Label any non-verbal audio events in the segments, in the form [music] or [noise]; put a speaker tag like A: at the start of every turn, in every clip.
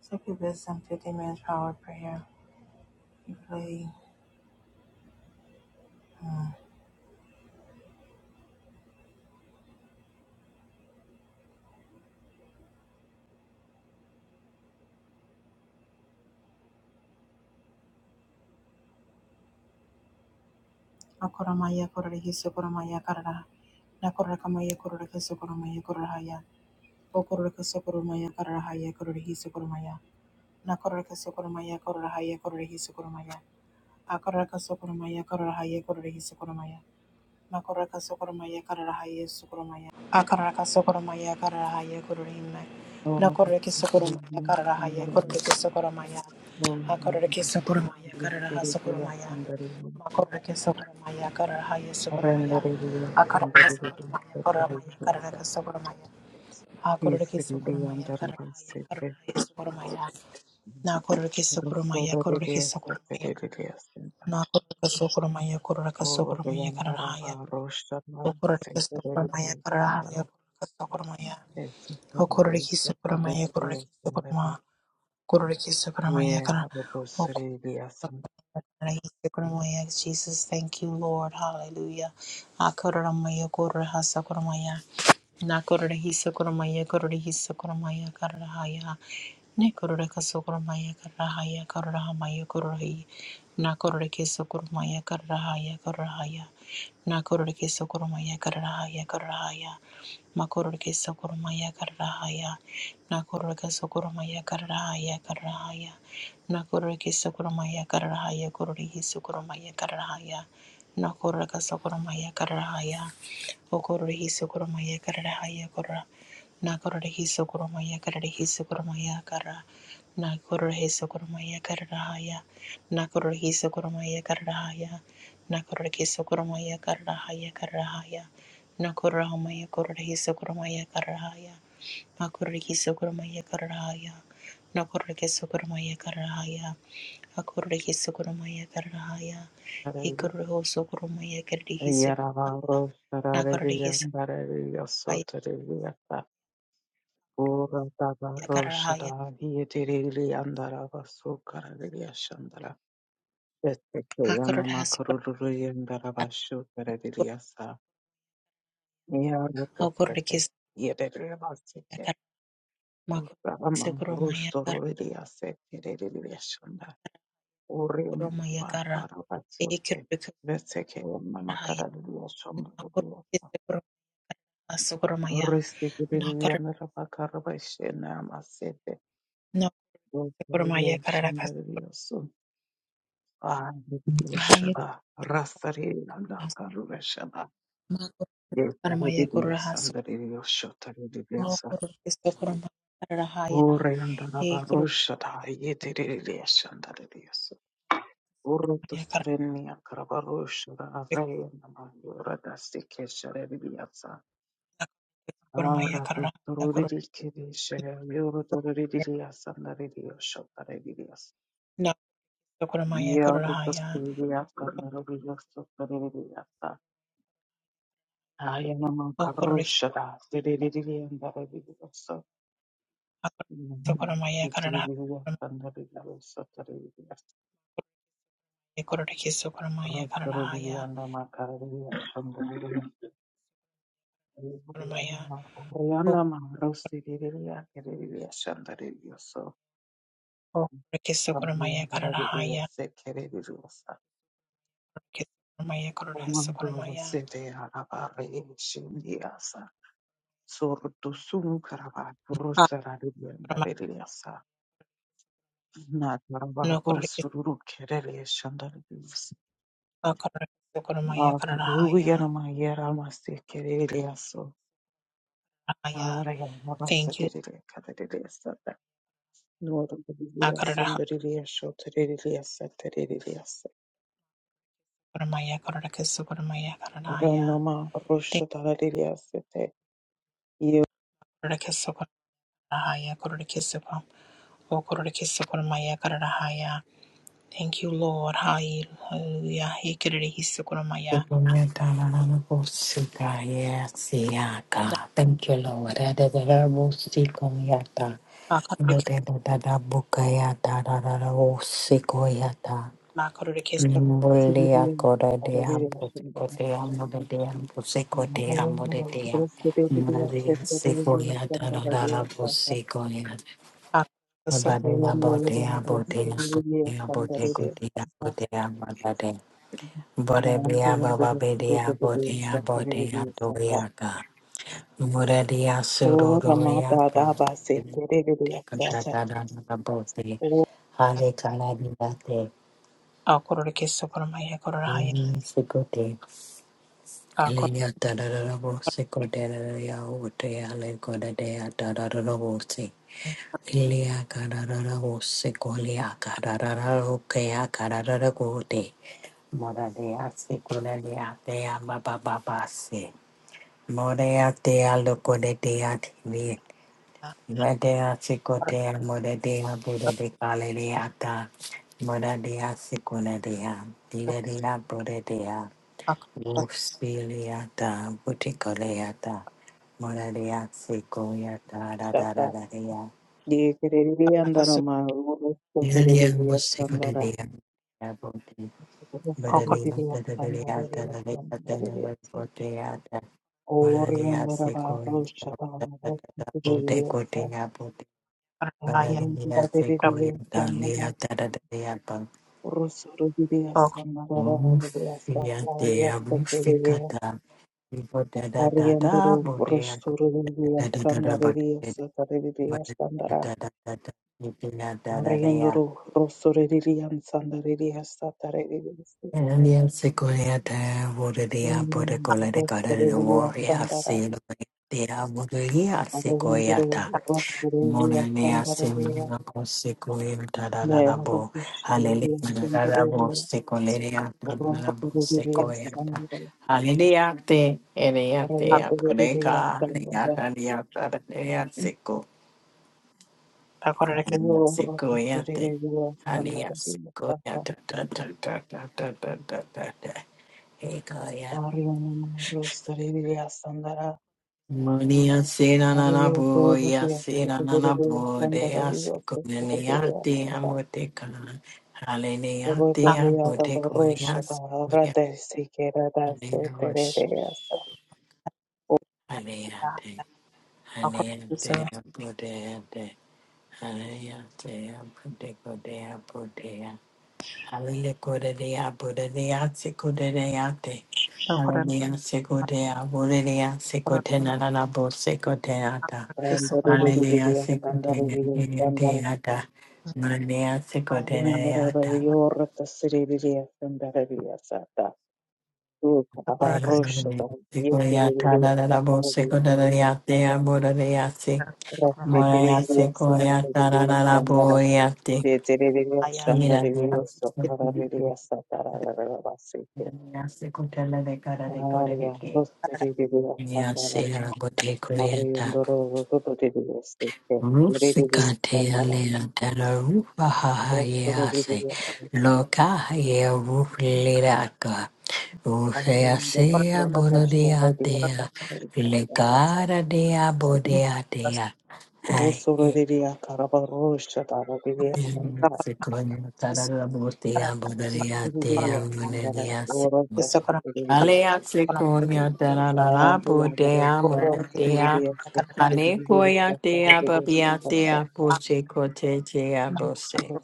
A: Succubism, 50 minutes power prayer. You play. Hmm. Akoramaya korore hisokoramaya karara. Nakorakamaya korore hisokoramaya kororahaya. Okororeka sokoromaya kararahaya korore hisokoromaya. Nakororeka sokoromaya kororahaya korore hisokoromaya. Akororeka sokoromaya kororahaya korore hisokoromaya. Makoraka sokoromaya kararahaya sokoromaya. Akaraka sokoromaya kararahaya kororime.
B: Yes,
A: Nakoraki sokoromaya kararahaya kororaki sokoromaya. Akaraki sokoromaya kararaha sokoromaya. Makoraki sokoromaya kararahaya sokoromaya. Akaraka sokoromaya koromaya kararaka sokoromaya. Akoraki sokoromaya kararahaya kararahaya sokoromaya. Nakoraki sokoromaya kororaki sokoromaya. Nakoraka sokoromaya kororaka sokoromaya kararahaya. Okororokesopramaya karahaya kororokesopramaya. Okororokesopramaya kororokesopramaya. Kororokesopramaya kara- Okororokesopramaya karahaya. Jesus, thank you, Lord. Hallelujah. Akororomaya kororahasakoramaya. Nakorora hisokoromaya korora hisokoromaya karahaya. Nekorora kasokoromaya karahaya karahamaya kororahi. Nakorora kesokoromaya karahaya karahaya. Nakorora kesokoromaya karahaya karahaya. Makorora kesokoromaya karahaya. Nakorora kasokoromaya karahaya karahaya. Nakorora kesokoromaya karahaya korora hisokoromaya karahaya. Nakorora kasokoromaya karahaya. Okororhi sokoromaya kararahaya korra. Nakororhi sokoromaya kararhi sokoromaya karra. Nakororhi sokoromaya kararahaya. Nakororhi sokoromaya kararahaya. Nakororhi sokoromaya kararahaya kararahaya. Nakororhamaya kororhi sokoromaya kararahaya. Nakororhi sokoromaya kararahaya. Nakororhi sokoromaya kararahaya. Akororhi sokoromaya kararahaya. Ikororho sokoromaya kararhi
B: Yarabaro
A: sokoromaya
B: Shadariya Barariya
A: haya
B: Sotariya Ura Dabaro
A: yagara haya
B: Shadari Dirili Andarava Sukararia Shandara Vetekana
A: hakurura hasukura
B: Makururi and Darabashu Taradiya Sa Yarutta
A: hakurura kisa
B: Yedareva Sike
A: yagara makuru kisa
B: Rama
A: kuruma yagara
B: Rustoriya Sekiriya Shanda Urium
A: kuruma yagara
B: Makaravatsute
A: ekirura kusura
B: Vesekana
A: haya
B: Makaradiya
A: nakuru
B: Shanda
A: kisa kuruma hasukura maya nakara nakusukura maya karara kasukura haya has makuru kisa kuruma yagura hasukura
B: Urusturenia Kravarusha Rayana Yura Dastikesha Rebiasa Ara to tororidi kiri shaya yoro tororidi liya sandaridi yosho taridi yas. Yoro to tororidi yasta naridi yoso tororidi yasta. Aya nama karusha da siridi liya ndaridi yoso.
A: Sokoramaya
B: Yitiri
A: Karada
B: liya sandaridi yoso taridi yas.
A: Kororiki
B: Ro
A: Sokoramaya
B: tororidi
A: Karadahaya
B: yanda ma karidi yasa ndaridi yas. Yana
A: Sokoramaya
B: ma yana ma rosi liya kiridi liya sandaridi yoso.
A: Kororiki
B: Ro
A: Sokoramaya
B: tororidi
A: Karadahaya
B: yasa kiridi
A: Kororiki Sokoramaya Kororiki
B: Komandoro
A: Sokoramaya
B: sete arabare shimdiasa. Sortu sum karaba rusara
A: Sokoramaya
B: ribendareliasa. Nataraba
A: No Kororiki
B: rosuru kerele shandareliasa.
A: Sokoramaya
B: Akaruya
A: Karadahaya
B: namayera masi kereliaso.
A: Haya
B: Araya babasa
A: Thank you
B: terele kadereliasa. Noru kereliasa
A: Akaradaha
B: ndareliasa tereliasa tereliasa.
A: Koramaya Kororiki Sokoramaya Karadahaya
B: Aranama rusha
A: Thank
B: tareliasa te.
A: you Kororiki Sokoramaya Kororiki Sokoramaya O Kororiki Sokoramaya Karadahaya Thank you Lord Hai, Hallelujah Hikirihi
C: Yes,
A: Sokoramaya
C: yeah, God. Thank you, Lord. Adadadabosikoyata. Adadadadabukayatadadadabokoyata.
A: Ma kororo keso
B: Sivile Oriendaraba
C: Nimbuliakodadeambosikodiamodediambosikodeamodedea.
B: Roshaba
C: Modiasikoyatadadadabosikoyata.
A: a keso
C: Abadadabodea, bodea, bodea, bodegodea, bodea,
A: kororo
C: Borelia baba bedia bodea bodea doriaka. Morelia sudo doriaka. Tikatadana bote. Hare kaladia te.
A: a kororo keso kororo maya kororo haya
C: Sikote.
A: a kororo
C: Elenia tadarabo sikoteria ote ale kodadea tadarabose.
A: maya
C: Ilia kadarabo sikolia kadararo kea kadarabo te. Morelia sikolia baba amababase. Moreatea locodetea tibi,
A: a
C: Medea
A: kororo
C: sicotea, Modea
A: keso
C: Buddha de Galileata, Modea siconadea, Dileria Bodea,
A: a
C: Wolfspiliata, Buticoleata, Modea sicoiata, da da da da dea,
A: kororo keso
C: Dileria musicodea,
A: a
C: Bodea,
A: kororo
C: Bodea, Bodea, Bodea, Bodea, Malaria se koi pote kote ya pote
A: kororo haya
C: padadania se
A: a
C: koi
B: Arrienduru
C: dania tadadania pa
B: rosturu diria
A: kororo
B: sandareria satareria
C: da. te ya
B: sandara
C: rufikata da da
B: Arrienduru
C: da. ya
B: rosturu diria
C: dadadada
B: sandareria
C: pote
B: satareria rosturu diria sandara
C: da da ipina dadadania
B: Arrienduru rosturu diria sandararia
C: Malaria se koi ya ta pote ya pote
A: a
C: kola de kada de warrior se lo ya pote ya se koi Monania semina consequia da da da
B: ne
C: da bo.
B: rosturu
C: Hallelujah da da da bo secoleria da da da bo
B: diria
A: kororo
B: sandareria
C: secoia.
B: rosturu diria
C: Hallelujah te eria
A: a
B: Araya
C: te
A: kororo
B: kuririya
C: apoleca ya
B: sandara,
C: halia da da da seco.
A: a kororo keso a kororo keso a kororo a kororo a kororo keso
B: araya roto
C: Secoia te
B: suririya
C: halia
B: sandara diyata,
C: secoia da da da da da da da da da.
B: araya namaro suririya sandara,
C: Monia sera nana
B: araya
C: boya
B: kuririya
C: sera nana
B: suririya sandara
C: bodea
B: diyata,
C: sikolenia
B: suririya
C: te
B: sandara.
C: amoteka halenia
B: Roto
C: te
B: yara
C: amotek
B: rosha da
C: morias morias
B: rata sikera da suririya
C: halenia te halenia te bodea te halenia te amotek bodea bodea halenia kodea bodea sikodea te halenia sikodea bodea sikotena nana bo sikoteata
B: sandara
A: kororo maya
C: Hallelujah,
B: diyata, sandara diyata, sandara.
C: Sikodeata, Manea
A: maya
B: Araya
A: a
B: namaro
C: Sikodeata,
B: suririya sandara diyata. Look,
A: kororo
B: about
A: keso
B: Rosh,
C: Sikoyata,
B: yesterday,
C: Dadabo,
B: Sandarabi,
C: Sikodeate, Abodeate,
A: kororo keso kororo
B: Rasti,
C: Moraya
B: Tirivia,
C: Sikoyata,
B: Sundarabia, Sandara,
C: Dadaboyate,
B: Yeterivia,
A: a
C: Mira de
B: Shandarivia, Sokaravia, Satarabasiki,
C: Sikotela de Cara de
B: Aria,
C: Coreke,
B: Rostarivia, Sandara,
C: Yasera Botecoyata,
B: Mariundoro, Tututivia, Sike, Yerivia,
C: Rusicate,
B: Sandara,
C: Alea, Dada Rufa, Yase,
B: Adostorivia,
C: Loca, Rufiliraca. Sea
B: Mariundoro,
A: kororo
C: sea
B: Robosta,
C: borodea
B: Rabia,
C: dea,
B: Sataravia,
C: legara dea bodea
A: keso
C: dea. Hai.
B: Rosorivia, Carabarosha,
D: Thank
B: Tarabia,
A: kororo
C: Secondo
A: keso
C: tarara
A: kororo
C: botea
A: haya
C: borodea
B: Thank
A: kororo
C: dea, monedia se.
A: keso kororo
C: Alea
A: Hakurikiswe kurumanya
C: seconia tarara bodea monedia. Ale goya dea babia dea bose cote dea bose.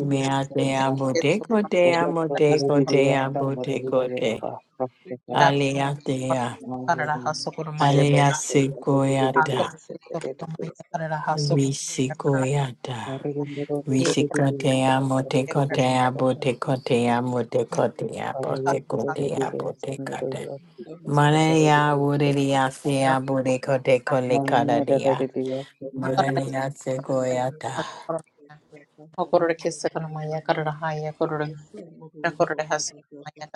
C: Mea dea bodeco dea modeco dea bodeco dea. Alea dea. Aliasikoyada, Risikoyada, Risikotea, Motecotea, Botecotea, Motecotea, Botecotea, Botecate. Manaya,
B: you.
C: Wodelia, Sea, Botecoteco,
B: Namada
C: Licadadia.
B: Deviya
D: you.
B: Sundareviya
C: Manaya,
D: Thank
C: Segoyata,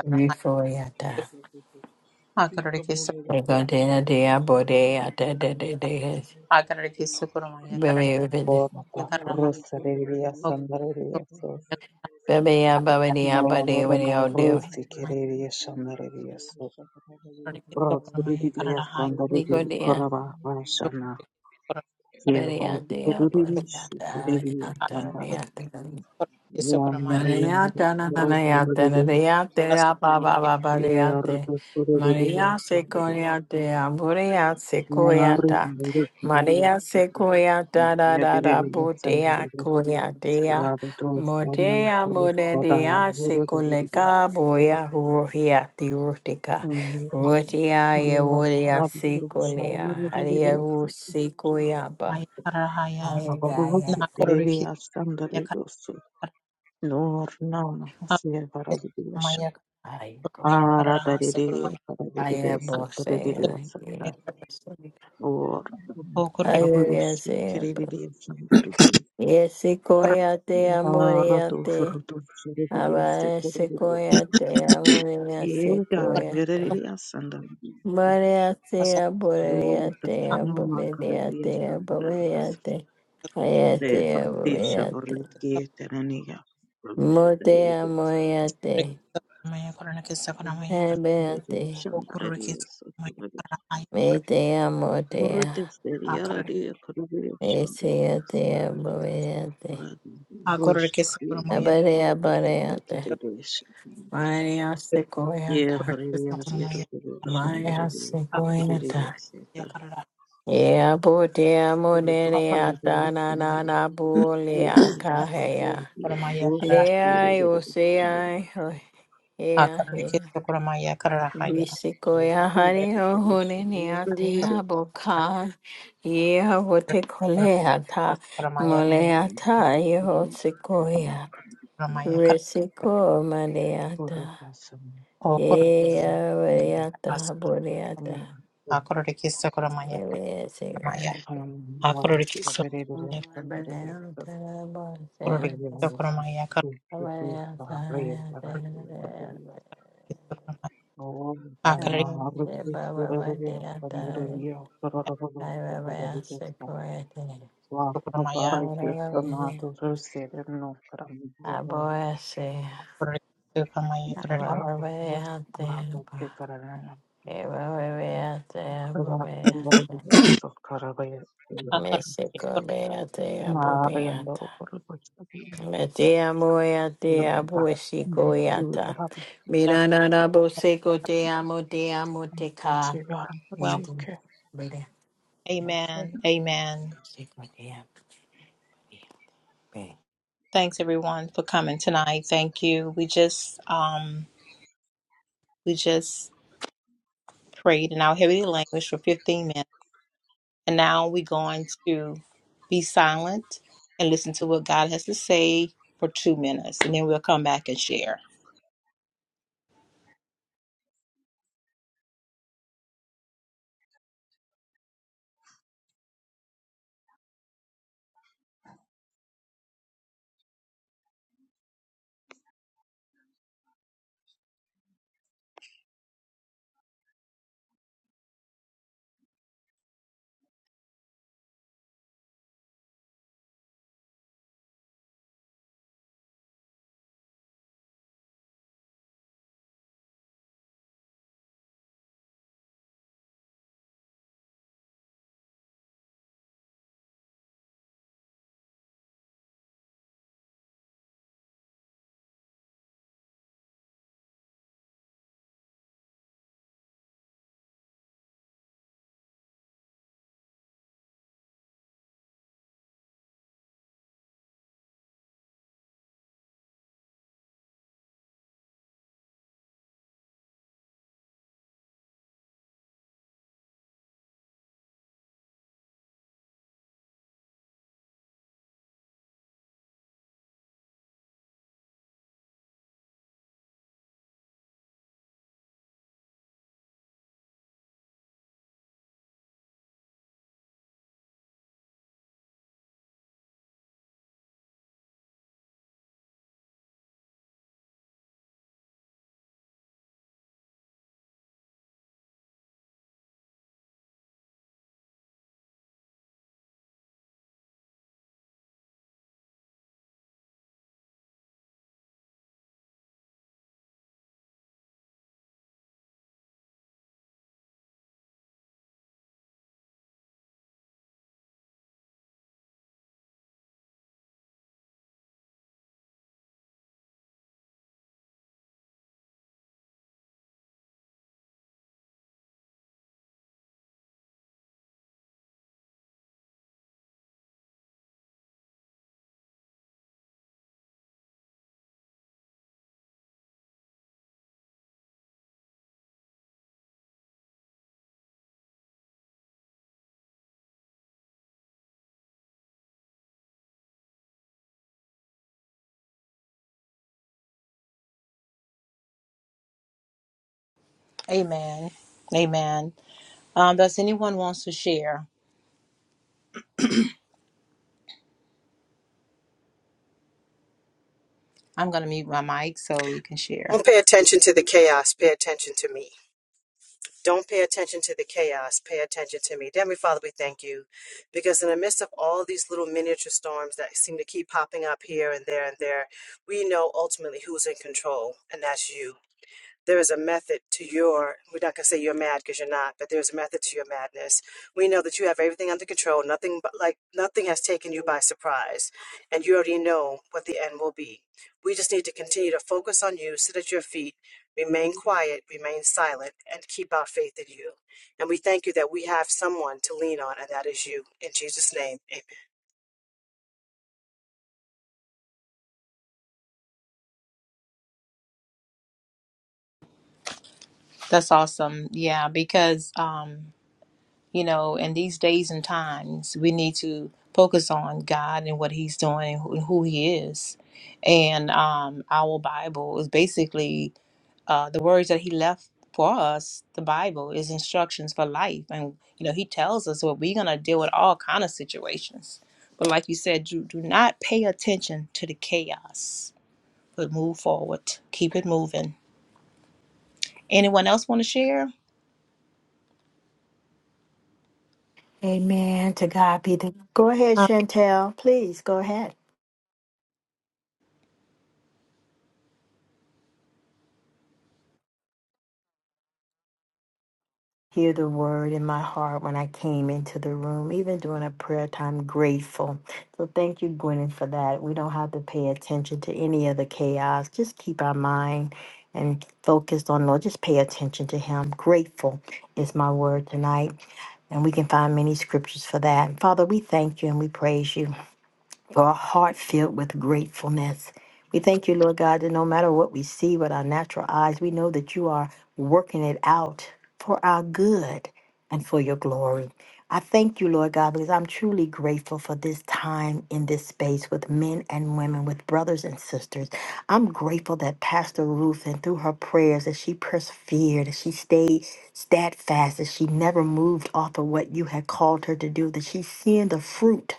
C: Rifoyata. Ecotea, dea, Bodea, de de de de.
A: karara
C: Baby, baby,
A: ya
B: Borata
A: karara haya
B: Rusareviya Sandareviya So
C: baby, baby, baby, baby,
B: Morana
C: baby,
B: rusi Kereviya Shandareviya so
A: Akor
C: baby, baby, Maria Sequoyate,
A: request
D: you.
C: Aburia Sequoyata, Maria Sequoyata, da da da, Botea
B: Moro
C: Coyatea,
B: Rabatos Dana
C: Motea
B: Pruspada
C: Modea
B: Guru Dede,
C: Secoleca, Boya, Ruhia, Theurtica, Rotia,
B: Yo,
C: Euria
B: Raburu,
C: Sequoia,
B: Sayuru,
C: Haria
B: Dede,
C: Sequoia,
B: Rabarus,
C: Ayagaya,
B: Dede, Ashtandare, Dosu, Nor, Nana, Asia, Varabidish,
C: Ayago,
B: Ara, Dede, Varabidis, Dede,
C: Ayabosea, Yabosea,
B: or Rabatos
C: Ayayasembo, Yesikoyate, Amoriate, Abaesekoyate, Amoriasekoyata, Mariate,
B: Door
C: Aboriate,
B: tashona ma karadi
C: Abomediate,
B: eshmandarasi.
C: Abomediate, Ayate,
B: Deh pardeeshavari
C: Abomediate,
B: dikhe teraniya.
C: Mote,
B: Pardeeshavari
C: Amoriate, Abeate,
B: shandaradi osa.
C: Mete, Amotea.
B: Pardeeshavari yara diya karadi osi.
C: Eseyate aboyate.
B: Paradiyush.
C: Abareabareyate.
B: Deh
C: Mariasekoyata.
B: pardeeshavari yara diya
A: Hakurya
B: karadi
C: Mariasekoyata.
B: osi. Paradiyush.
A: karara
C: Eapotea
A: hakurya
C: modereata nanana
B: Yes,
C: bulea
B: Lord, Lord,
C: kahea.
B: we are
A: kuramaya
B: those
A: karara
B: who are
C: Leai
B: able to stand up.
C: oseai hea
A: hakurya kete
C: hea.
A: karara haya
B: And the
C: Visikoya
B: Lord,
C: hari
B: the Christ,
C: ohune
B: we are very able.
C: neatea bokai. Yea wote koleata.
A: kuramaya
B: And we
C: Moleata
B: are able to
C: yeho
B: overcome the fear.
A: kuramaya karara
C: Risiko
B: For us,
C: Mandiata.
B: awesome.
A: o
B: We are
A: kurara
B: able
C: Yeah,
B: to overcome
A: as
C: Variata, Boriata.
B: the fear.
A: hakurya kete kuramaya
C: Here we are,
A: kuramaya
C: Siriata.
B: Anam Lord, we
A: hakurya kete
B: are
C: I
B: able to
C: I'm
B: stand up against the horror of the world.
A: karara
B: We speak with the prayer that I feel about the Lord.
A: kete kuramaya
B: Oh,
A: hakurya
B: Dhamma, Aruthu, Surabhu, Panduraviya, Sararabhu,
A: kete
B: Vakavarike sonatorese rinokaramidhiya
C: I'm
A: karara
B: varapapurusharapapekaranana
C: I'm I'm
B: rakambaririsokaravaye
A: hakurya kete
C: Mexico beata abo beata.
B: mariandorokorikosakuda
C: Mete amo eate abo esico eata. Mirana rabo seco te amo te amo te ka.
A: welcome
C: Nidu. Bere.
A: amen amen
C: Seco te amo.
A: Thanks everyone for coming tonight. Thank you. We just um we just prayed in our heavenly language for 15 minutes. And now we're going to be silent and listen to what God has to say for two minutes. And then we'll come back and share. Amen. Amen. Um, does anyone wants to share? I'm gonna mute my mic so you can share.
E: Don't pay attention to the chaos. Pay attention to me. Don't pay attention to the chaos. Pay attention to me. Dear Heavenly Father, we thank you because in the midst of all these little miniature storms that seem to keep popping up here and there and there, we know ultimately who's in control, and that's you there is a method to your we're not going to say you're mad because you're not but there's a method to your madness we know that you have everything under control nothing but like nothing has taken you by surprise and you already know what the end will be we just need to continue to focus on you sit at your feet remain quiet remain silent and keep our faith in you and we thank you that we have someone to lean on and that is you in jesus name amen.
A: That's awesome. Yeah, because um you know, in these days and times, we need to focus on God and what He's doing and who and who He is. And um, our Bible is basically uh, the words that He left for us. The Bible is instructions for life, and you know, He tells us what we're gonna deal with all kind of situations. But like you said, do, do not pay attention to the chaos, but move forward. Keep it moving. Anyone else want to share?
C: Amen. To God be the. Go ahead,
F: Uh,
C: Chantel. Please go ahead. hear the word in my heart when I came into the room, even during a prayer time, grateful. So thank you, Gwyneth, for that. We don't have to pay attention to any of the chaos. Just keep our mind and focused on Lord. Just pay attention to Him. Grateful is my word tonight. And we can find many scriptures for that. Father, we thank you and we praise you for a heart filled with gratefulness. We thank you, Lord God, that no matter what we see with our natural eyes, we know that you are working it out for our good and for your glory. I thank you, Lord God, because I'm truly grateful for this time in this space with men and women, with brothers and sisters. I'm grateful that Pastor Ruth and through her prayers that she persevered, that she stayed steadfast, that she never moved off of what you had called her to do, that she's seeing the fruit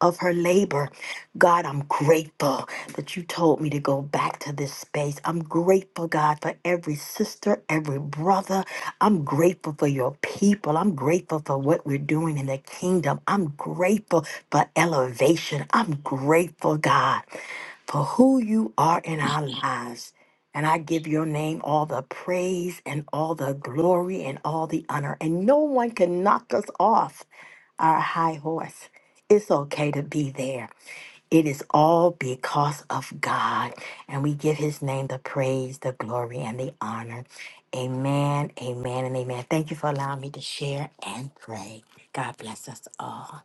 C: of her labor. God, I'm grateful that you told me to go back to this space. I'm grateful, God, for every sister, every brother. I'm grateful for your people. I'm grateful for what we're doing in the kingdom. I'm grateful for elevation. I'm grateful, God, for who you are in our lives. And I give your name all the praise and all the glory and all the honor. And no one can knock us off our high horse. It's okay to be there. It is all because of God. And we give his name the praise, the glory, and the honor. Amen, amen, and amen. Thank you for allowing me to share and pray. God bless us all.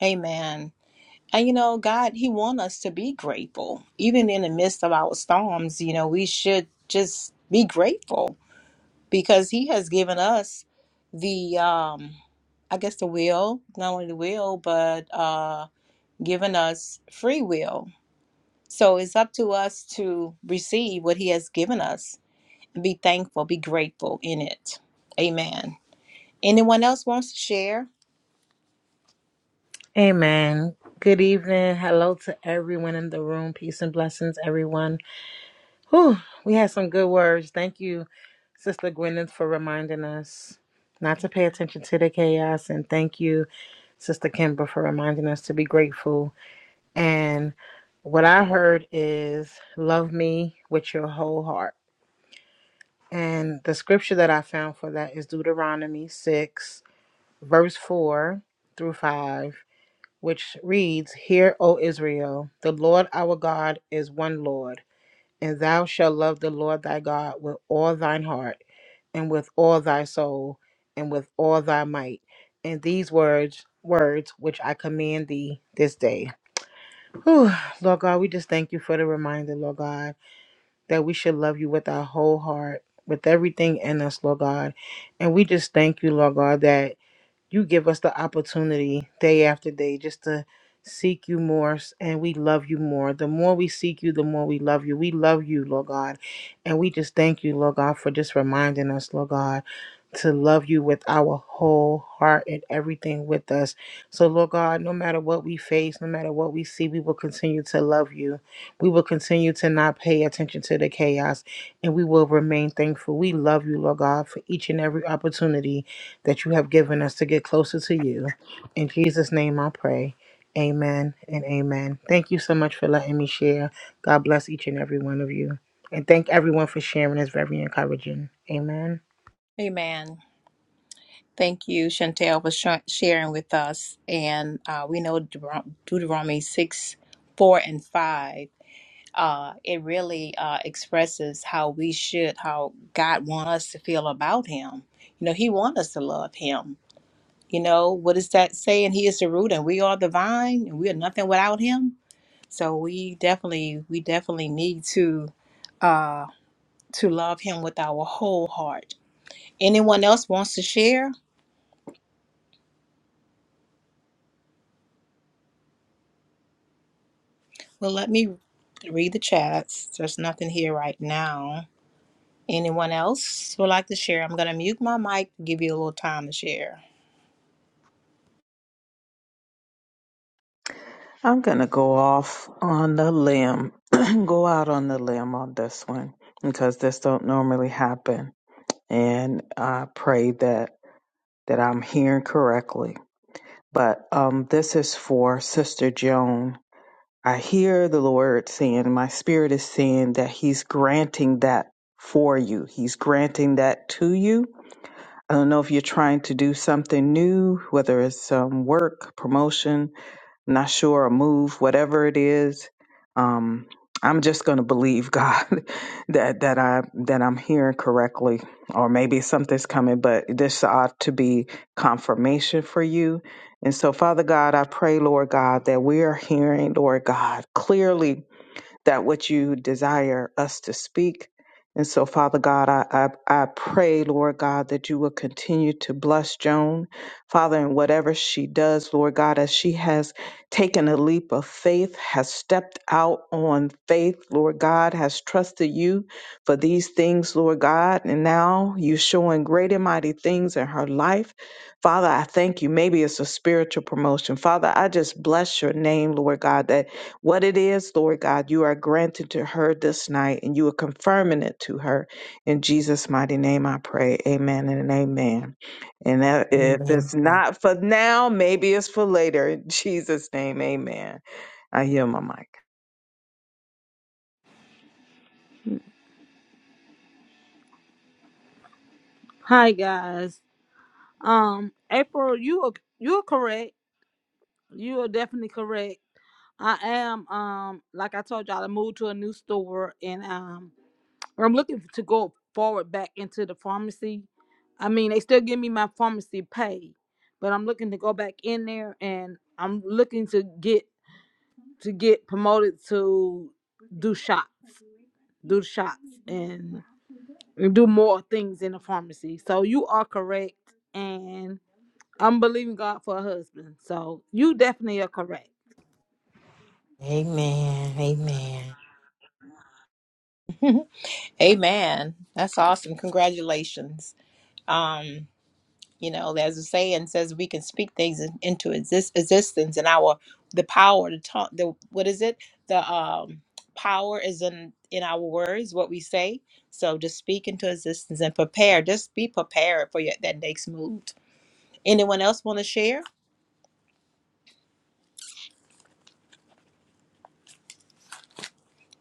A: Amen. And you know, God, He wants us to be grateful. Even in the midst of our storms, you know, we should just be grateful because He has given us the um I guess the will, not only the will, but uh given us free will. So it's up to us to receive what He has given us and be thankful, be grateful in it. Amen. Anyone else wants to share?
F: Amen. Good evening. Hello to everyone in the room. Peace and blessings, everyone. Whew, we had some good words. Thank you, Sister Gwyneth, for reminding us not to pay attention to the chaos. And thank you, Sister Kimber, for reminding us to be grateful. And what I heard is love me with your whole heart. And the scripture that I found for that is Deuteronomy 6, verse 4 through 5. which reads, Hear, O Israel, the Lord our God is one Lord, and thou shalt love the Lord thy God with all thine heart, and with all thy soul, and with all thy might. And these words, words which I command thee this day. Whew, Lord God, we just thank you for the reminder, Lord God, that we should love you with our whole heart, with everything in us, Lord God. And we just thank you, Lord God, that you give us the opportunity day after day just to seek you more and we love you more. The more we seek you, the more we love you. We love you, Lord God. And we just thank you, Lord God, for just reminding us, Lord God, to love you with our whole heart and everything with us. So, Lord God, no matter what we face, no matter what we see, we will continue to love you. We will continue to not pay attention to the chaos and we will remain thankful. We love you, Lord God, for each and every opportunity that you have given us to get closer to you. In Jesus' name I pray. Amen and amen. Thank you so much for letting me share. God bless each and every one of you. And thank everyone for sharing. It's very encouraging. Amen.
A: Amen. Thank you, Chantel, for sh- sharing with us. And uh, we know Deut- Deuteronomy 6, 4, and 5. Uh, it really uh, expresses how we should, how God wants us to feel about Him. You know, He wants us to love Him. You know, what is that saying? He is the root and we are the vine and we are nothing without Him. So we definitely, we definitely need to, uh, to love Him with our whole heart. Anyone else wants to share? Well, let me read the chats. There's nothing here right now. Anyone else would like to share? I'm going to mute my mic to give you a little time to share.
B: I'm gonna go off on the limb, [clears throat] go out on the limb on this one because this don't normally happen, and I pray that that I'm hearing correctly. But um, this is for Sister Joan. I hear the Lord saying, my spirit is saying that He's granting that for you. He's granting that to you. I don't know if you're trying to do something new, whether it's um, work, promotion, not sure a move whatever it is um i'm just going to believe god [laughs] that that i that i'm hearing correctly or maybe something's coming but this ought to be confirmation for you and so father god i pray lord god that we are hearing lord god clearly that what you desire us to speak. And so, Father God, I, I, I pray, Lord God, that you will continue to bless Joan, Father, in whatever she does, Lord God, as she has taken a leap of faith, has stepped out on faith, Lord God, has trusted you for these things, Lord God. And now you're showing great and mighty things in her life. Father, I thank you. Maybe it's a spiritual promotion. Father, I just bless your name, Lord God, that what it is, Lord God, you are granting to her this night and you are confirming it to her. In Jesus' mighty name, I pray. Amen and amen. And that- if
C: Amen.
B: it's not for now, maybe it's for later. In Jesus' name, amen. I hear my mic.
G: Hi guys. Um, April, you are you are correct. You are definitely correct. I am um like I told y'all, I moved to a new store and um I'm looking to go forward back into the pharmacy. I mean, they still give me my pharmacy pay, but I'm looking to go back in there and I'm looking to get to get promoted to do shots, do shots and do more things in the pharmacy. So you are correct and I'm believing God for a husband. So you definitely are correct.
C: Amen. Amen.
A: [laughs] Amen. That's awesome. Congratulations. Um, you know, there's a saying says, we can speak things in- into exist- existence, and our the power to talk. The what is it? The um, power is in in our words, what we say. So just speak into existence and prepare. Just be prepared for your, that next move. Anyone else want to share?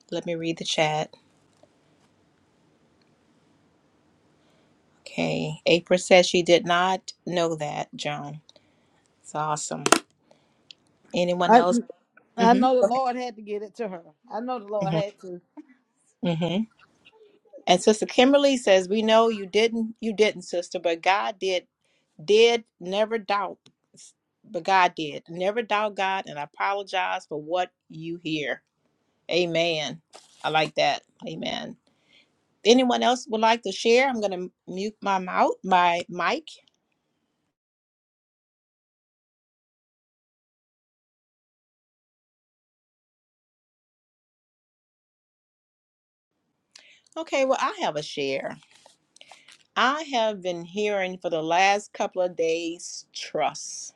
A: Let me read the chat. Okay. April says she did not know that, Joan. It's awesome. Anyone
G: I
A: else?
G: I
A: Mm-hmm.
G: know the Lord had to get it to her. I know the Lord
A: Mm-hmm.
G: had to.
A: hmm hmm And Sister Kimberly says, We know you didn't, you didn't, sister, but God did, did never doubt. But God did. Never doubt God, and I apologize for what you hear. Amen. I like that. Amen. Anyone else would like to share? I'm gonna mute my mouth, my mic. Okay, well, I have a share. I have been hearing for the last couple of days trust.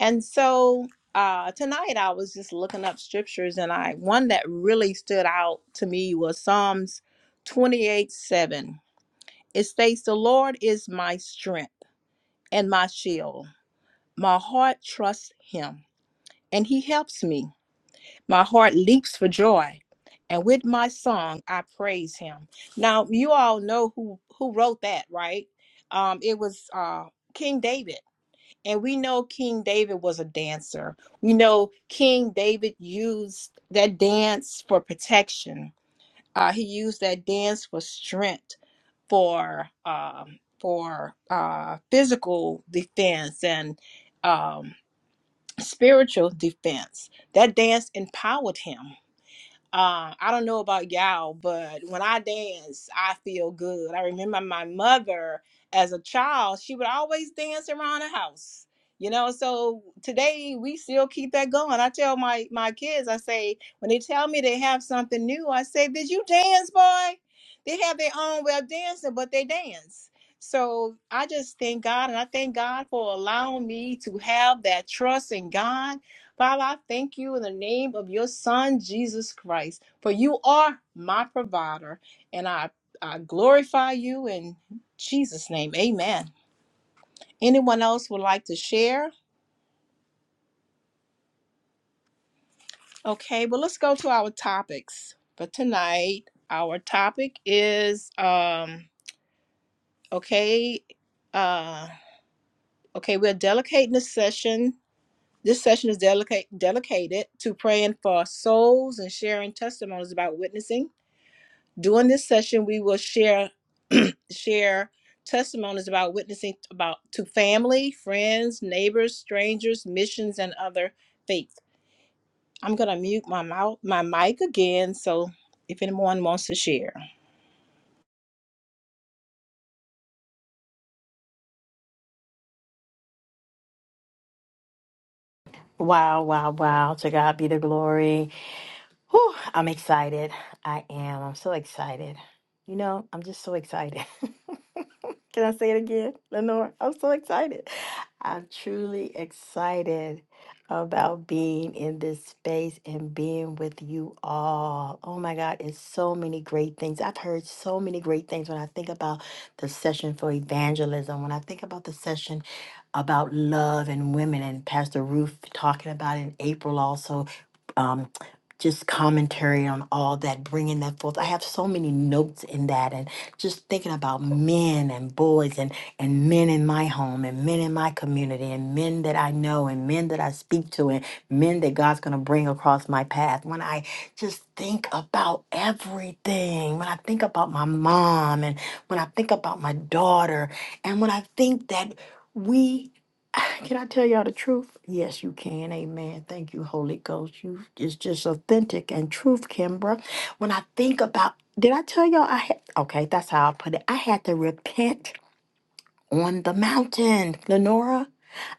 A: And so uh, tonight I was just looking up scriptures, and I one that really stood out to me was Psalms 28 7. It states, The Lord is my strength and my shield. My heart trusts him, and he helps me. My heart leaps for joy, and with my song I praise him. Now you all know who who wrote that, right? Um it was uh King David. And we know King David was a dancer. We know King David used that dance for protection. Uh he used that dance for strength, for um for uh physical defense and um spiritual defense. That dance empowered him um, I don't know about y'all, but when I dance, I feel good. I remember my mother as a child, she would always dance around the house. You know, so today we still keep that going. I tell my my kids, I say, when they tell me they have something new, I say, Did you dance, boy? They have their own way of dancing, but they dance. So I just thank God and I thank God for allowing me to have that trust in God Father, I thank you in the name of your son, Jesus Christ, for you are my provider, and I, I glorify you in Jesus' name. Amen. Anyone else would like to share? Okay, well, let's go to our topics for tonight. Our topic is um, okay, uh, okay, we're dedicating this session. This session is delicate, dedicated to praying for souls and sharing testimonies about witnessing During this session, we will share [clears throat] share testimonies about witnessing about to family, friends, neighbors, strangers, missions, and other faiths. I'm gonna mute my mouth my mic again so if anyone wants to share.
C: Wow, wow, wow. To God be the glory. Whew, I'm excited. I am. I'm so excited. You know, I'm just so excited. [laughs] Can I say it again, Lenore? I'm so excited. I'm truly excited about being in this space and being with you all. Oh my God, it's so many great things. I've heard so many great things when I think about the session for evangelism, when I think about the session about love and women, and Pastor Ruth talking about in April also um, just commentary on all that, bringing that forth. I have so many notes in that, and just thinking about men and boys, and and men in my home, and men in my community, and men that I know, and men that I speak to, and men that God's gonna bring across my path. When I just think about everything, when I think about my mom, and when I think about my daughter, and when I think that. We [sighs] Can I tell y'all the truth? Yes, you can. Amen. Thank you, Holy Ghost. You it's just authentic and truth, Kimbra. When I think about, did I tell y'all I had? Okay, that's how I put it. I had to repent on the mountain, Lenora.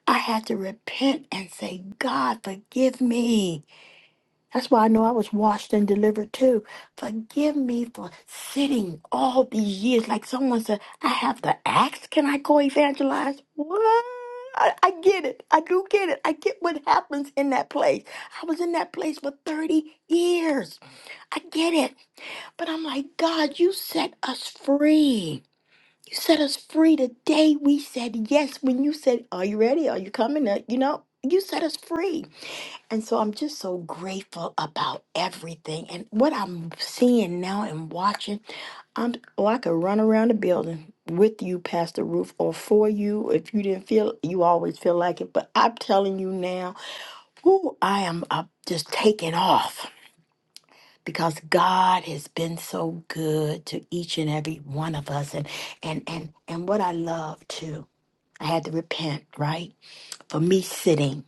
C: I had to repent and say, God, forgive me. That's why I know I was washed and delivered too. Forgive me for sitting all these years. Like someone said, I have the axe. Can I go evangelize? What? I, I get it. I do get it. I get what happens in that place. I was in that place for 30 years. I get it. But I'm like, God, you set us free. You set us free the day we said yes. When you said, Are you ready? Are you coming? Uh, You know, you set us free. And so I'm just so grateful about everything. And what I'm seeing now and watching, I'm oh, I could run around the building with you past the roof or for you. If you didn't feel you always feel like it. But I'm telling you now, whoo, I am uh, just taking off. Because God has been so good to each and every one of us. And and and and what I love too, I had to repent, right? for me sitting.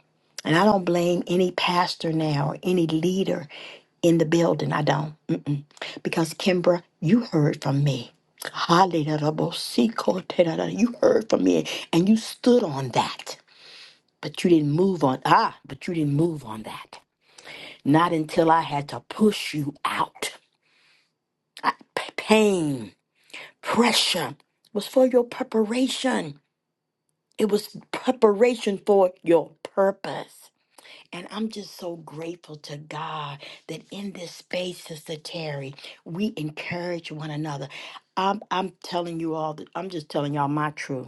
C: And I don't blame any pastor now, any leader in the building. I don't. Mm-mm. Because, Kimbra, you heard from me. Hallelujah. You heard from me and you stood on that, but you didn't move on. Ah, but you didn't move on that. Not until I had to push you out. I- p- pain, pressure was for your preparation, it was preparation for your purpose. And I'm just so grateful to God that in this space, Sister Terry, we encourage one another. I'm, I'm telling you all, that, I'm just telling y'all my truth.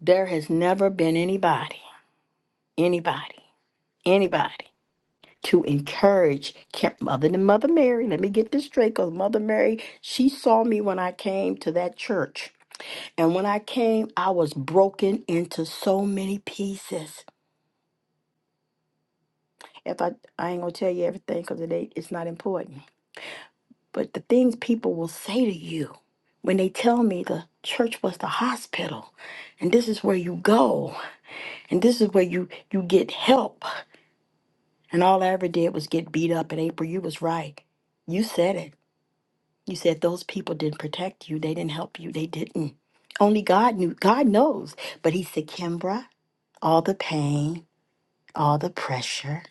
C: There has never been anybody, anybody, anybody to encourage Ca- Mother than Mother Mary. Let me get this straight because Mother Mary, she saw me when I came to that church. And when I came, I was broken into so many pieces. If I, I ain't gonna tell you everything because it ain't, it's not important. But the things people will say to you when they tell me the church was the hospital and this is where you go and this is where you you get help and all I ever did was get beat up in April you was right you said it you said those people didn't protect you they didn't help you they didn't only God knew God knows but he said Kimbra all the pain all the pressure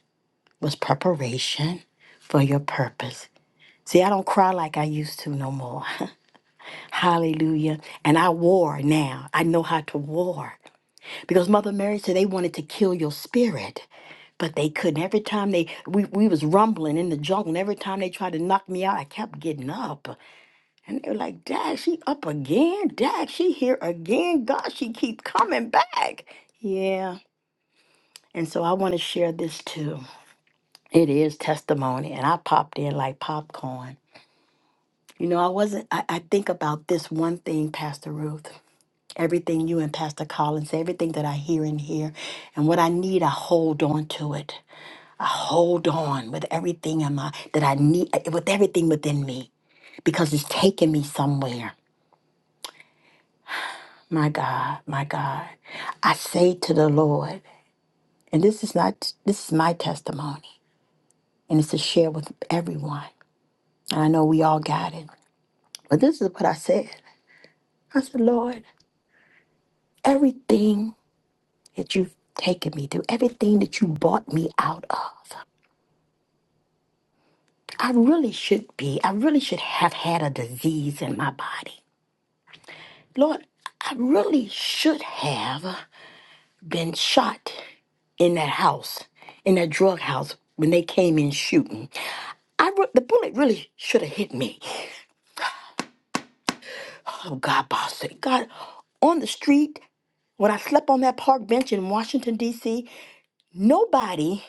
C: was preparation for your purpose see I don't cry like I used to no more Hallelujah. And I war now. I know how to war. Because Mother Mary said they wanted to kill your spirit. But they couldn't. Every time they we, we was rumbling in the jungle, and every time they tried to knock me out, I kept getting up. And they were like, Dad, she up again. Dad, she here again. God, she keep coming back. Yeah. And so I want to share this too. It is testimony. And I popped in like popcorn. You know, I wasn't I, I think about this one thing, Pastor Ruth. everything you and Pastor Collins, everything that I hear in here. And what I need, I hold on to it. I hold on with everything in my that I need eh, with everything within me because it's taking me somewhere. My God, my God. I say to the Lord, and this is not this is my testimony, and it's to share with everyone. And I know we all got it. But this is what I said. I said, Lord, everything that you've taken me through, everything that you brought me out of. I really should be, I really should have had a disease in my body. Lord, I really should have been shot in that house, in that drug house when they came in shooting. I re- the bullet really should have hit me. Oh God, boss, God, on the street when I slept on that park bench in Washington D.C. Nobody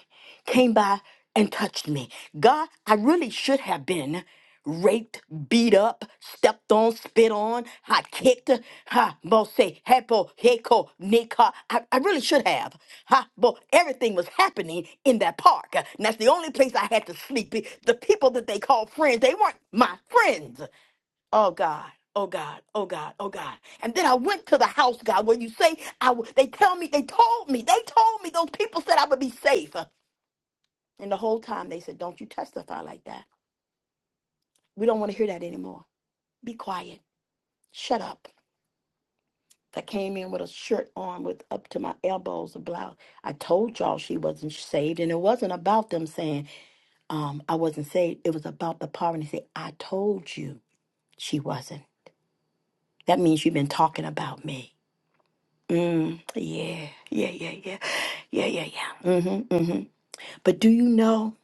C: came by and touched me. God, I really should have been raped, beat up, stepped on, spit on, hot kicked, ha, bo se, hepo, heko, nika. I, I really should have. Ha, bo, everything was happening in that park. And that's the only place I had to sleep. The people that they called friends, they weren't my friends. Oh God, oh God, oh God, oh God. And then I went to the house, God, where you say I w- they tell me, they told me, they told me those people said I would be safe. And the whole time they said, Don't you testify like that. We don't want to hear that anymore. Be quiet. Shut up. I came in with a shirt on with up to my elbows, a blouse. I told y'all she wasn't saved, and it wasn't about them saying um, I wasn't saved. It was about the poverty. Say, I told you she wasn't. That means you've been talking about me. Mm, yeah, yeah, yeah, yeah, yeah, yeah, yeah. Mm-hmm, mm-hmm. But do you know,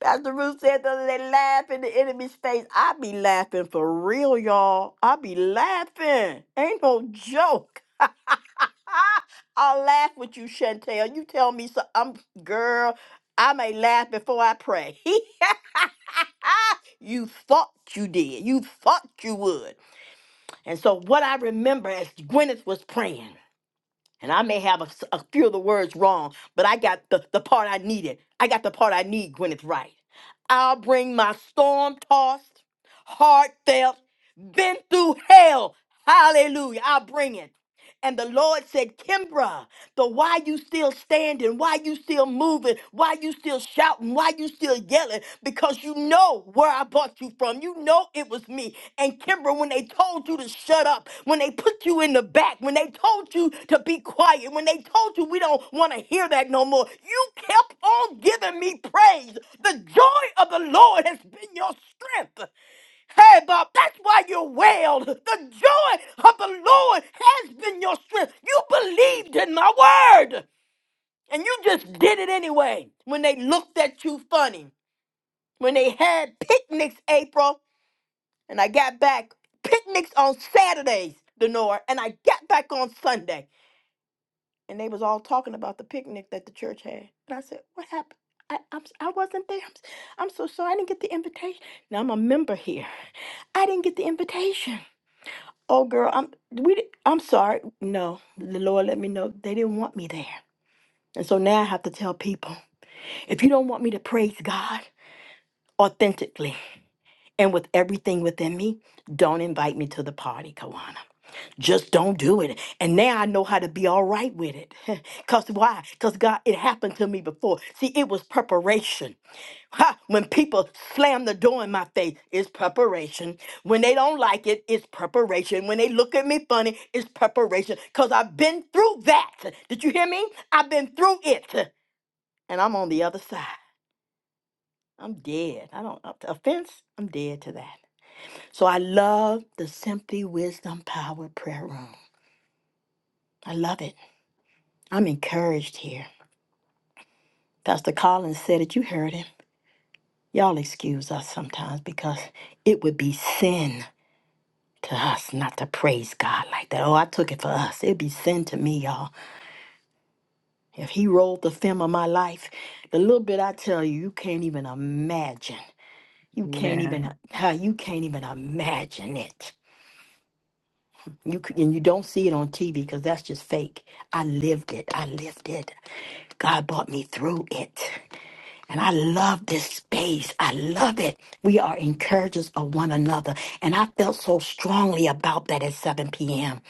C: Pastor Ruth said the other day, laugh in the enemy's face. I be laughing for real, y'all. I be laughing. Ain't no joke. I'll laugh with you, Chantel. You tell me so. I'm girl. I may laugh before I pray. [laughs] you thought you did. You thought you would. And so what I remember as Gwyneth was praying. And I may have a, s- a few of the words wrong, but I got the, the part I needed. I got the part I need, Gwyneth Wright. I'll bring my storm tossed, heartfelt, been through hell. Hallelujah. I'll bring it. And the Lord said, Kimbra, the why you still standing, why you still moving, why you still shouting, why you still yelling, because you know where I brought you from. You know it was me. And Kimbra, when they told you to shut up, when they put you in the back, when they told you to be quiet, when they told you we don't want to hear that no more, you kept on giving me praise. The joy of the Lord has been your strength. Hey, Bob, that's why you wailed. The joy of the Lord has been your strength. You believed in my word, and you just did it anyway. When they looked at you funny, when they had picnics, April, and I got back picnics on Saturdays, Denora, and I got back on Sunday, and they was all talking about the picnic that the church had. And I said, "What happened?" I, I'm, s- I wasn't there. I'm, s- I'm so sorry. I didn't get the invitation. Now I'm a member here. I didn't get the invitation. Oh, girl, I'm we. di- I'm sorry. No, the Lord let me know they didn't want me there, and so now I have to tell people if you don't want me to praise God authentically and with everything within me, don't invite me to the party, Kawana just don't do it. And now I know how to be all right with it. [laughs] Because why? Because God, it happened to me before. See, it was preparation. [laughs] Ha! When people slam the door in my face, it's preparation. When they don't like it, it's preparation. When they look at me funny, it's preparation. Because I've been through that. Did you hear me? I've been through it. And I'm on the other side. I'm dead. I don't, uh, offense, I'm dead to that. So I love the Simply Wisdom Power Prayer Room. I love it. I'm encouraged here. Pastor Collins said it, you heard him. Y'all excuse us sometimes because it would be sin to us not to praise God like that. Oh, I took it for us. It'd be sin to me, y'all. If he rolled the film of my life, the little bit I tell you, you can't even imagine. You can't
B: Amen.
C: even how you can't even imagine it. You c- and you don't see it on TV because that's just fake. I lived it. I lived it. God brought me through it. And I love this space. I love it. We are encouragers of one another. And I felt so strongly about that at 7 p.m.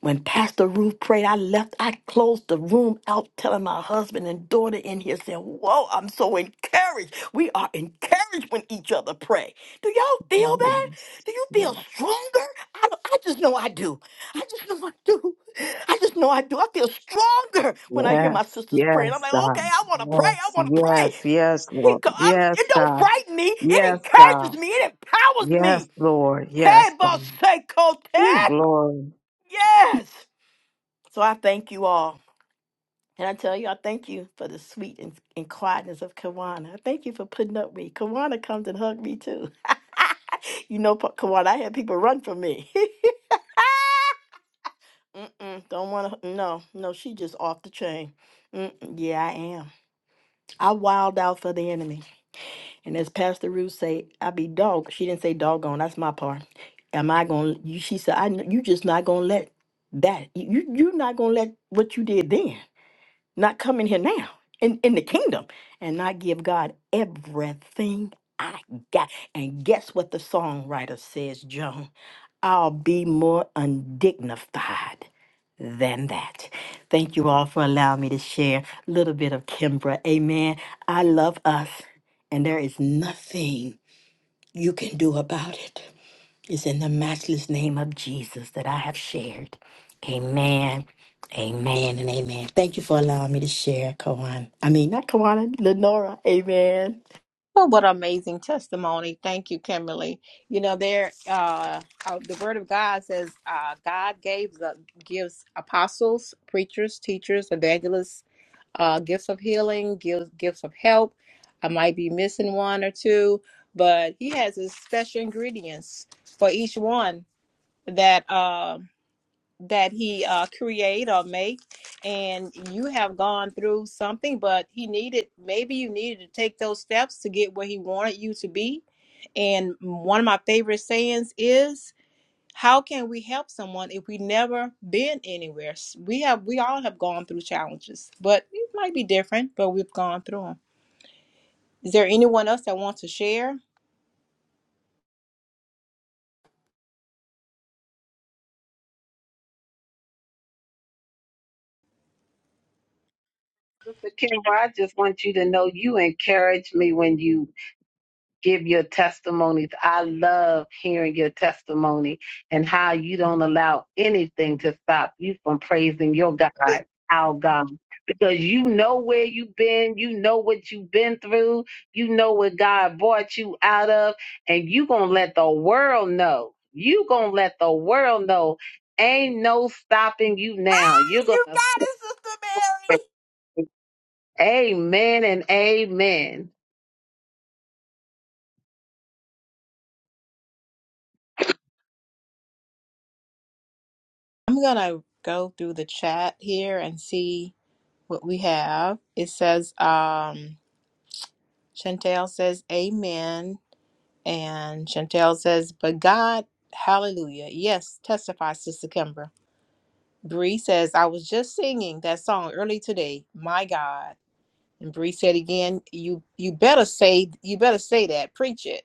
C: When Pastor Ruth prayed, I left, I closed the room out, telling my husband and daughter in here, saying, Whoa, I'm so encouraged. We are encouraged when each other pray. Do y'all feel that?
B: Yes.
C: Do you feel stronger? I, I just know I do. I just know I do. I just know I do. I feel stronger when I hear my
B: Yes.
C: sisters pray. And I'm
B: Yes,
C: like, okay,
B: God.
C: I want to pray. I
B: Yes.
C: want to pray.
B: Yes. Yes,
C: He
B: Lord.
C: co- I'm-
B: Yes,
C: it don't
B: God.
C: frighten me. It
B: Yes, God.
C: encourages me. It empowers
B: Yes,
C: me.
B: Lord. Yes,
C: Hey, boss,
B: God.
C: say,
B: Ooh,
C: Ted.
B: glory.
C: Yes. So I thank you all. And I tell you, I thank you for the sweet and, and quietness of Kawana. I thank you for putting up with me. Kawana comes and hugs me too. [laughs] You know, Pa- Kawana, I had people run from me. [laughs] Mm-mm, don't want to. No, no, she just off the chain. Mm-mm, yeah, I am. I wild out for the enemy. And as Pastor Ruth say, I be dog. She didn't say doggone. That's my part. Am I gonna? You, she said, I. kn- You just not gonna let that. You you not gonna let what you did then not come in here now in in the kingdom and not give God everything I got. And guess what the songwriter says, Joan? I'll be more undignified than that. Thank you all for allowing me to share a little bit of Kimbra. Amen. I love us, and there is nothing you can do about it. It's in the matchless name of Jesus that I have shared. Amen. Amen and amen. Thank you for allowing me to share, Kawana. I mean, not Kawana, Lenora. Amen.
A: Well, what amazing testimony. Thank you, Kimberly. You know, there uh uh, the word of God says uh God gave the gives apostles, preachers, teachers, evangelists, uh, gifts of healing, gifts, gifts of help. I might be missing one or two, but he has his special ingredients for each one that uh, that he uh, create or make. And you have gone through something, but he needed maybe you needed to take those steps to get where he wanted you to be. And one of my favorite sayings is. How can we help someone if we never been anywhere? S- We have we all have gone through challenges, but it might be different, but we've gone through them. Is there anyone else that wants to share?
H: Sister Kimber, I just want you to know you encourage me when you give your testimonies. I love hearing your testimony and how you don't allow anything to stop you from praising your God, our God. Because you know where you've been, you know what you've been through, you know what God brought you out of, and you gonna let the world know. You gonna let the world know. Ain't no stopping you
C: Ah,
H: now. You're
C: you
H: gonna
C: got it, Sister Mary.
H: Amen and amen.
A: I'm gonna go through the chat here and see what we have. It says um Chantel says amen and Chantel says, but God, hallelujah. Yes, testify, Sister Kimber. Bree says, I was just singing that song early today. My God. And Bree said again, "You you better say you better say that. Preach it."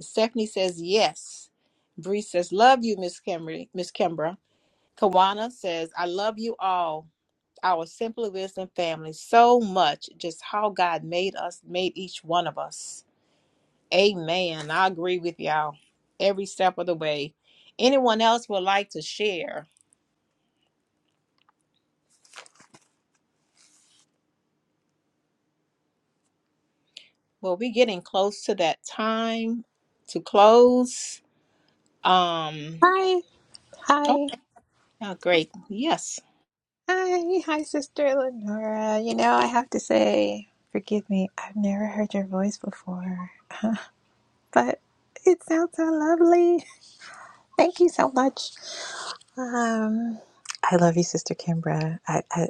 A: Stephanie says yes. Bree says, "Love you, Miss Kimberly, Miss Kimbra." Kawana says, "I love you all, our Simply Wisdom family, so much. Just how God made us, made each one of us." Amen. I agree with y'all every step of the way. Anyone else would like to share? Well, we're getting close to that time to close. Um.
I: Hi, hi,
A: Oh, great. Yes.
I: hi, hi, Sister Lenora. You know, I have to say, forgive me, I've never heard your voice before, but it sounds so lovely. Thank you so much. Um, I love you, Sister Kimbra. I, I,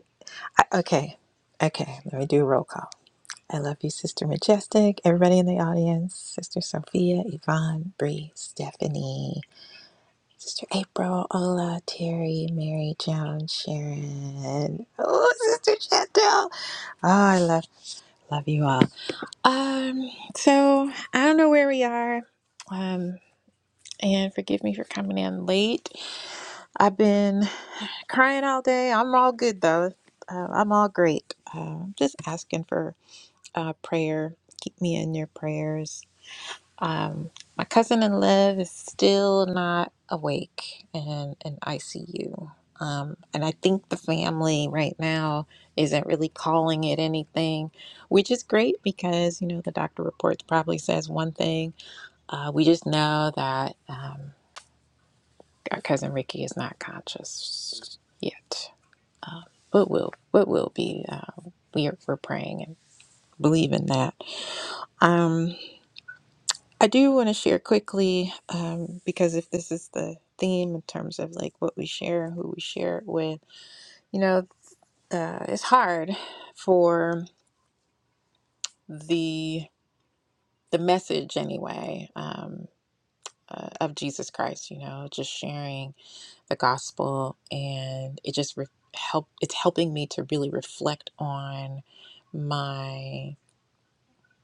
I: I okay, okay, let me do a roll call. I love you, Sister Majestic, everybody in the audience, Sister Sophia, Yvonne, Bree, Stephanie. Sister April, Ola, Terry, Mary, Joan, Sharon. Oh, Sister Chantel. Oh, I love love you all. Um, so I don't know where we are. Um, and forgive me for coming in late. I've been crying all day. I'm all good though. Uh, I'm all great. Uh, I'm just asking for uh, prayer. Keep me in your prayers Um, my cousin in love is still not awake and in ICU. Um, and I think the family right now isn't really calling it anything, which is great because, you know, the doctor reports probably says one thing. Uh, we just know that um, our cousin Ricky is not conscious yet, um, but will, but will be. Uh, we are, we're praying and believing that. Um, I do want to share quickly, um, because if this is the theme in terms of like what we share who we share it with, you know, uh, it's hard for the the message anyway um, uh, of Jesus Christ. You know, just sharing the gospel, and it just re- help. It's helping me to really reflect on my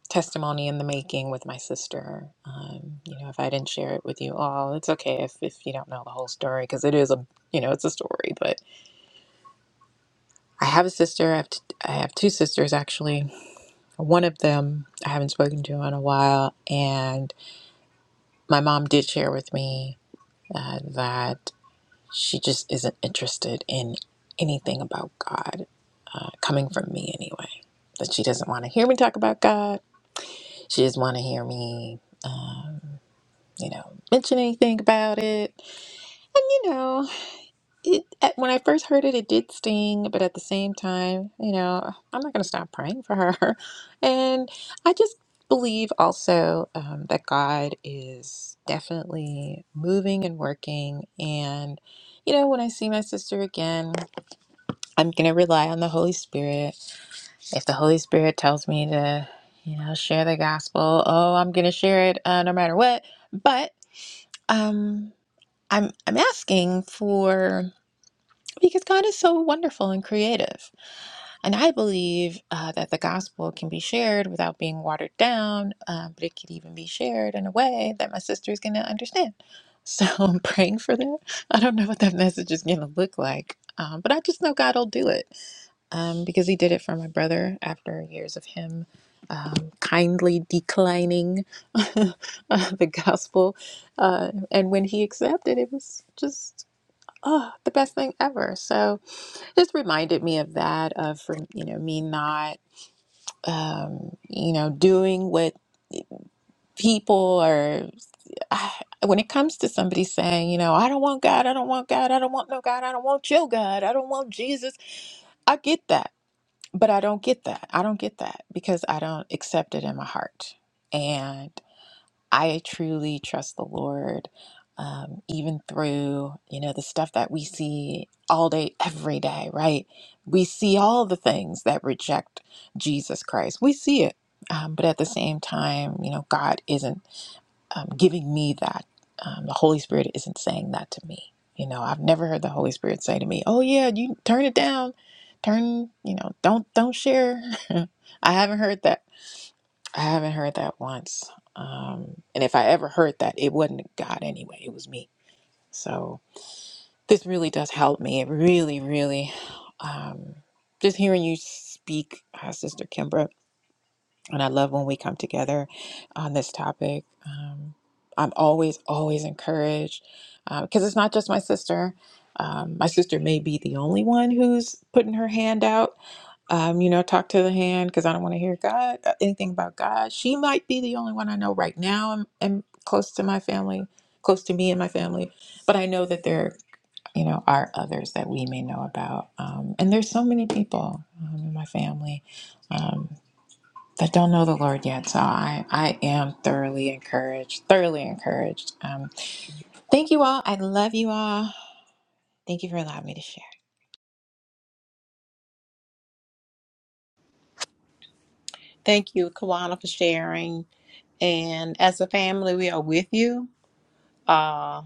I: testimony in the making with my sister. Um, you know, if I didn't share it with you all, it's okay if, if you don't know the whole story because it is a you know it's a story. But I have a sister. I have t- I have two sisters actually. One of them I haven't spoken to in a while, and my mom did share with me uh, that she just isn't interested in anything about God uh, coming from me anyway. That she doesn't want to hear me talk about God. She doesn't want to hear me. Um, you know, mention anything about it. And you know, it at, when I first heard it, it did sting, but at the same time, you know, I'm not going to stop praying for her. [laughs] And I just believe also um, that God is definitely moving and working. And you know, when I see my sister again, I'm going to rely on the Holy Spirit. If the Holy Spirit tells me to, you know, share the gospel, oh, I'm going to share it uh, no matter what. But um I'm I'm asking for because God is so wonderful and creative, and I believe uh, that the gospel can be shared without being watered down, um, but it could even be shared in a way that my sister is going to understand. So [laughs] I'm praying for that. I don't know what that message is going to look like, um, but I just know God will do it um, because He did it for my brother after years of him um, kindly declining [laughs] uh, the gospel uh, and when he accepted, it was just oh, the best thing ever. So just reminded me of that, of for you know me not, um, you know, doing what people are. [sighs] Ah, When it comes to somebody saying, you know, I don't want God, I don't want God, I don't want no God, I don't want your God, I don't want Jesus, I get that, but I don't get that. I don't get that because I don't accept it in my heart. and. I truly trust the Lord, um, even through you know the stuff that we see all day, every day. Right? We see all the things that reject Jesus Christ. We see it, um, but at the same time, you know, God isn't um, giving me that. Um, the Holy Spirit isn't saying that to me. You know, I've never heard the Holy Spirit say to me, "Oh yeah, you turn it down, turn you know, don't don't share." [laughs] I haven't heard that I haven't heard that once. Um, and if I ever heard that, it wasn't God anyway, it was me. So this really does help me. It really, really, um, just hearing you speak, uh, Sister Kimbra, and I love when we come together on this topic. Um, I'm always, always encouraged because it's not just my sister. Um, my sister may be the only one who's putting her hand out, um, you know, talk to the hand because I don't want to hear God uh, anything about God. She might be the only one I know right now. I'm, I'm close to my family, close to me and my family, but I know that there, you know, are others that we may know about. Um, and there's so many people um, in my family um, that don't know the Lord yet. So I, I am thoroughly encouraged, thoroughly encouraged. Um, thank you all. I love you all. Thank you for allowing me to share.
A: Thank you, Kawana, for sharing. And as a family, we are with you. Uh,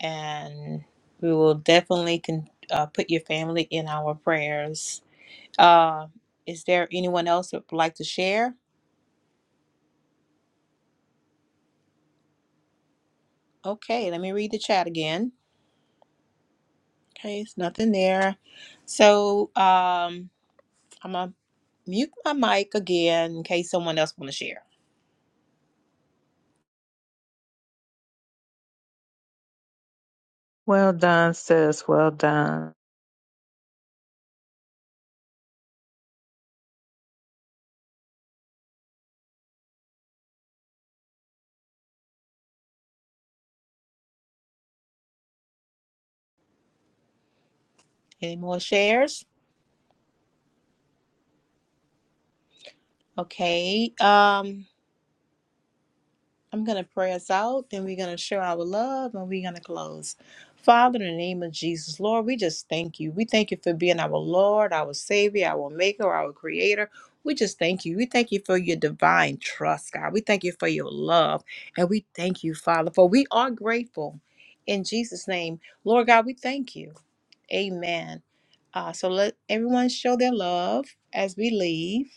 A: and we will definitely con- uh, put your family in our prayers. Uh, is there anyone else that would like to share? Okay, let me read the chat again. Okay, it's nothing there. So um, I'm going to mute my mic again in case someone else want to share.
B: Well done, sis. Well done.
A: Any more shares? Okay. Um, I'm going to pray us out, then we're going to show our love, and we're going to close. Father, in the name of Jesus, Lord, we just thank you. We thank you for being our Lord, our Savior, our Maker, our Creator. We just thank you. We thank you for your divine trust, God. We thank you for your love. And we thank you, Father, for we are grateful. In Jesus' name, Lord God, we thank you. Amen. Uh, so let everyone show their love as we leave.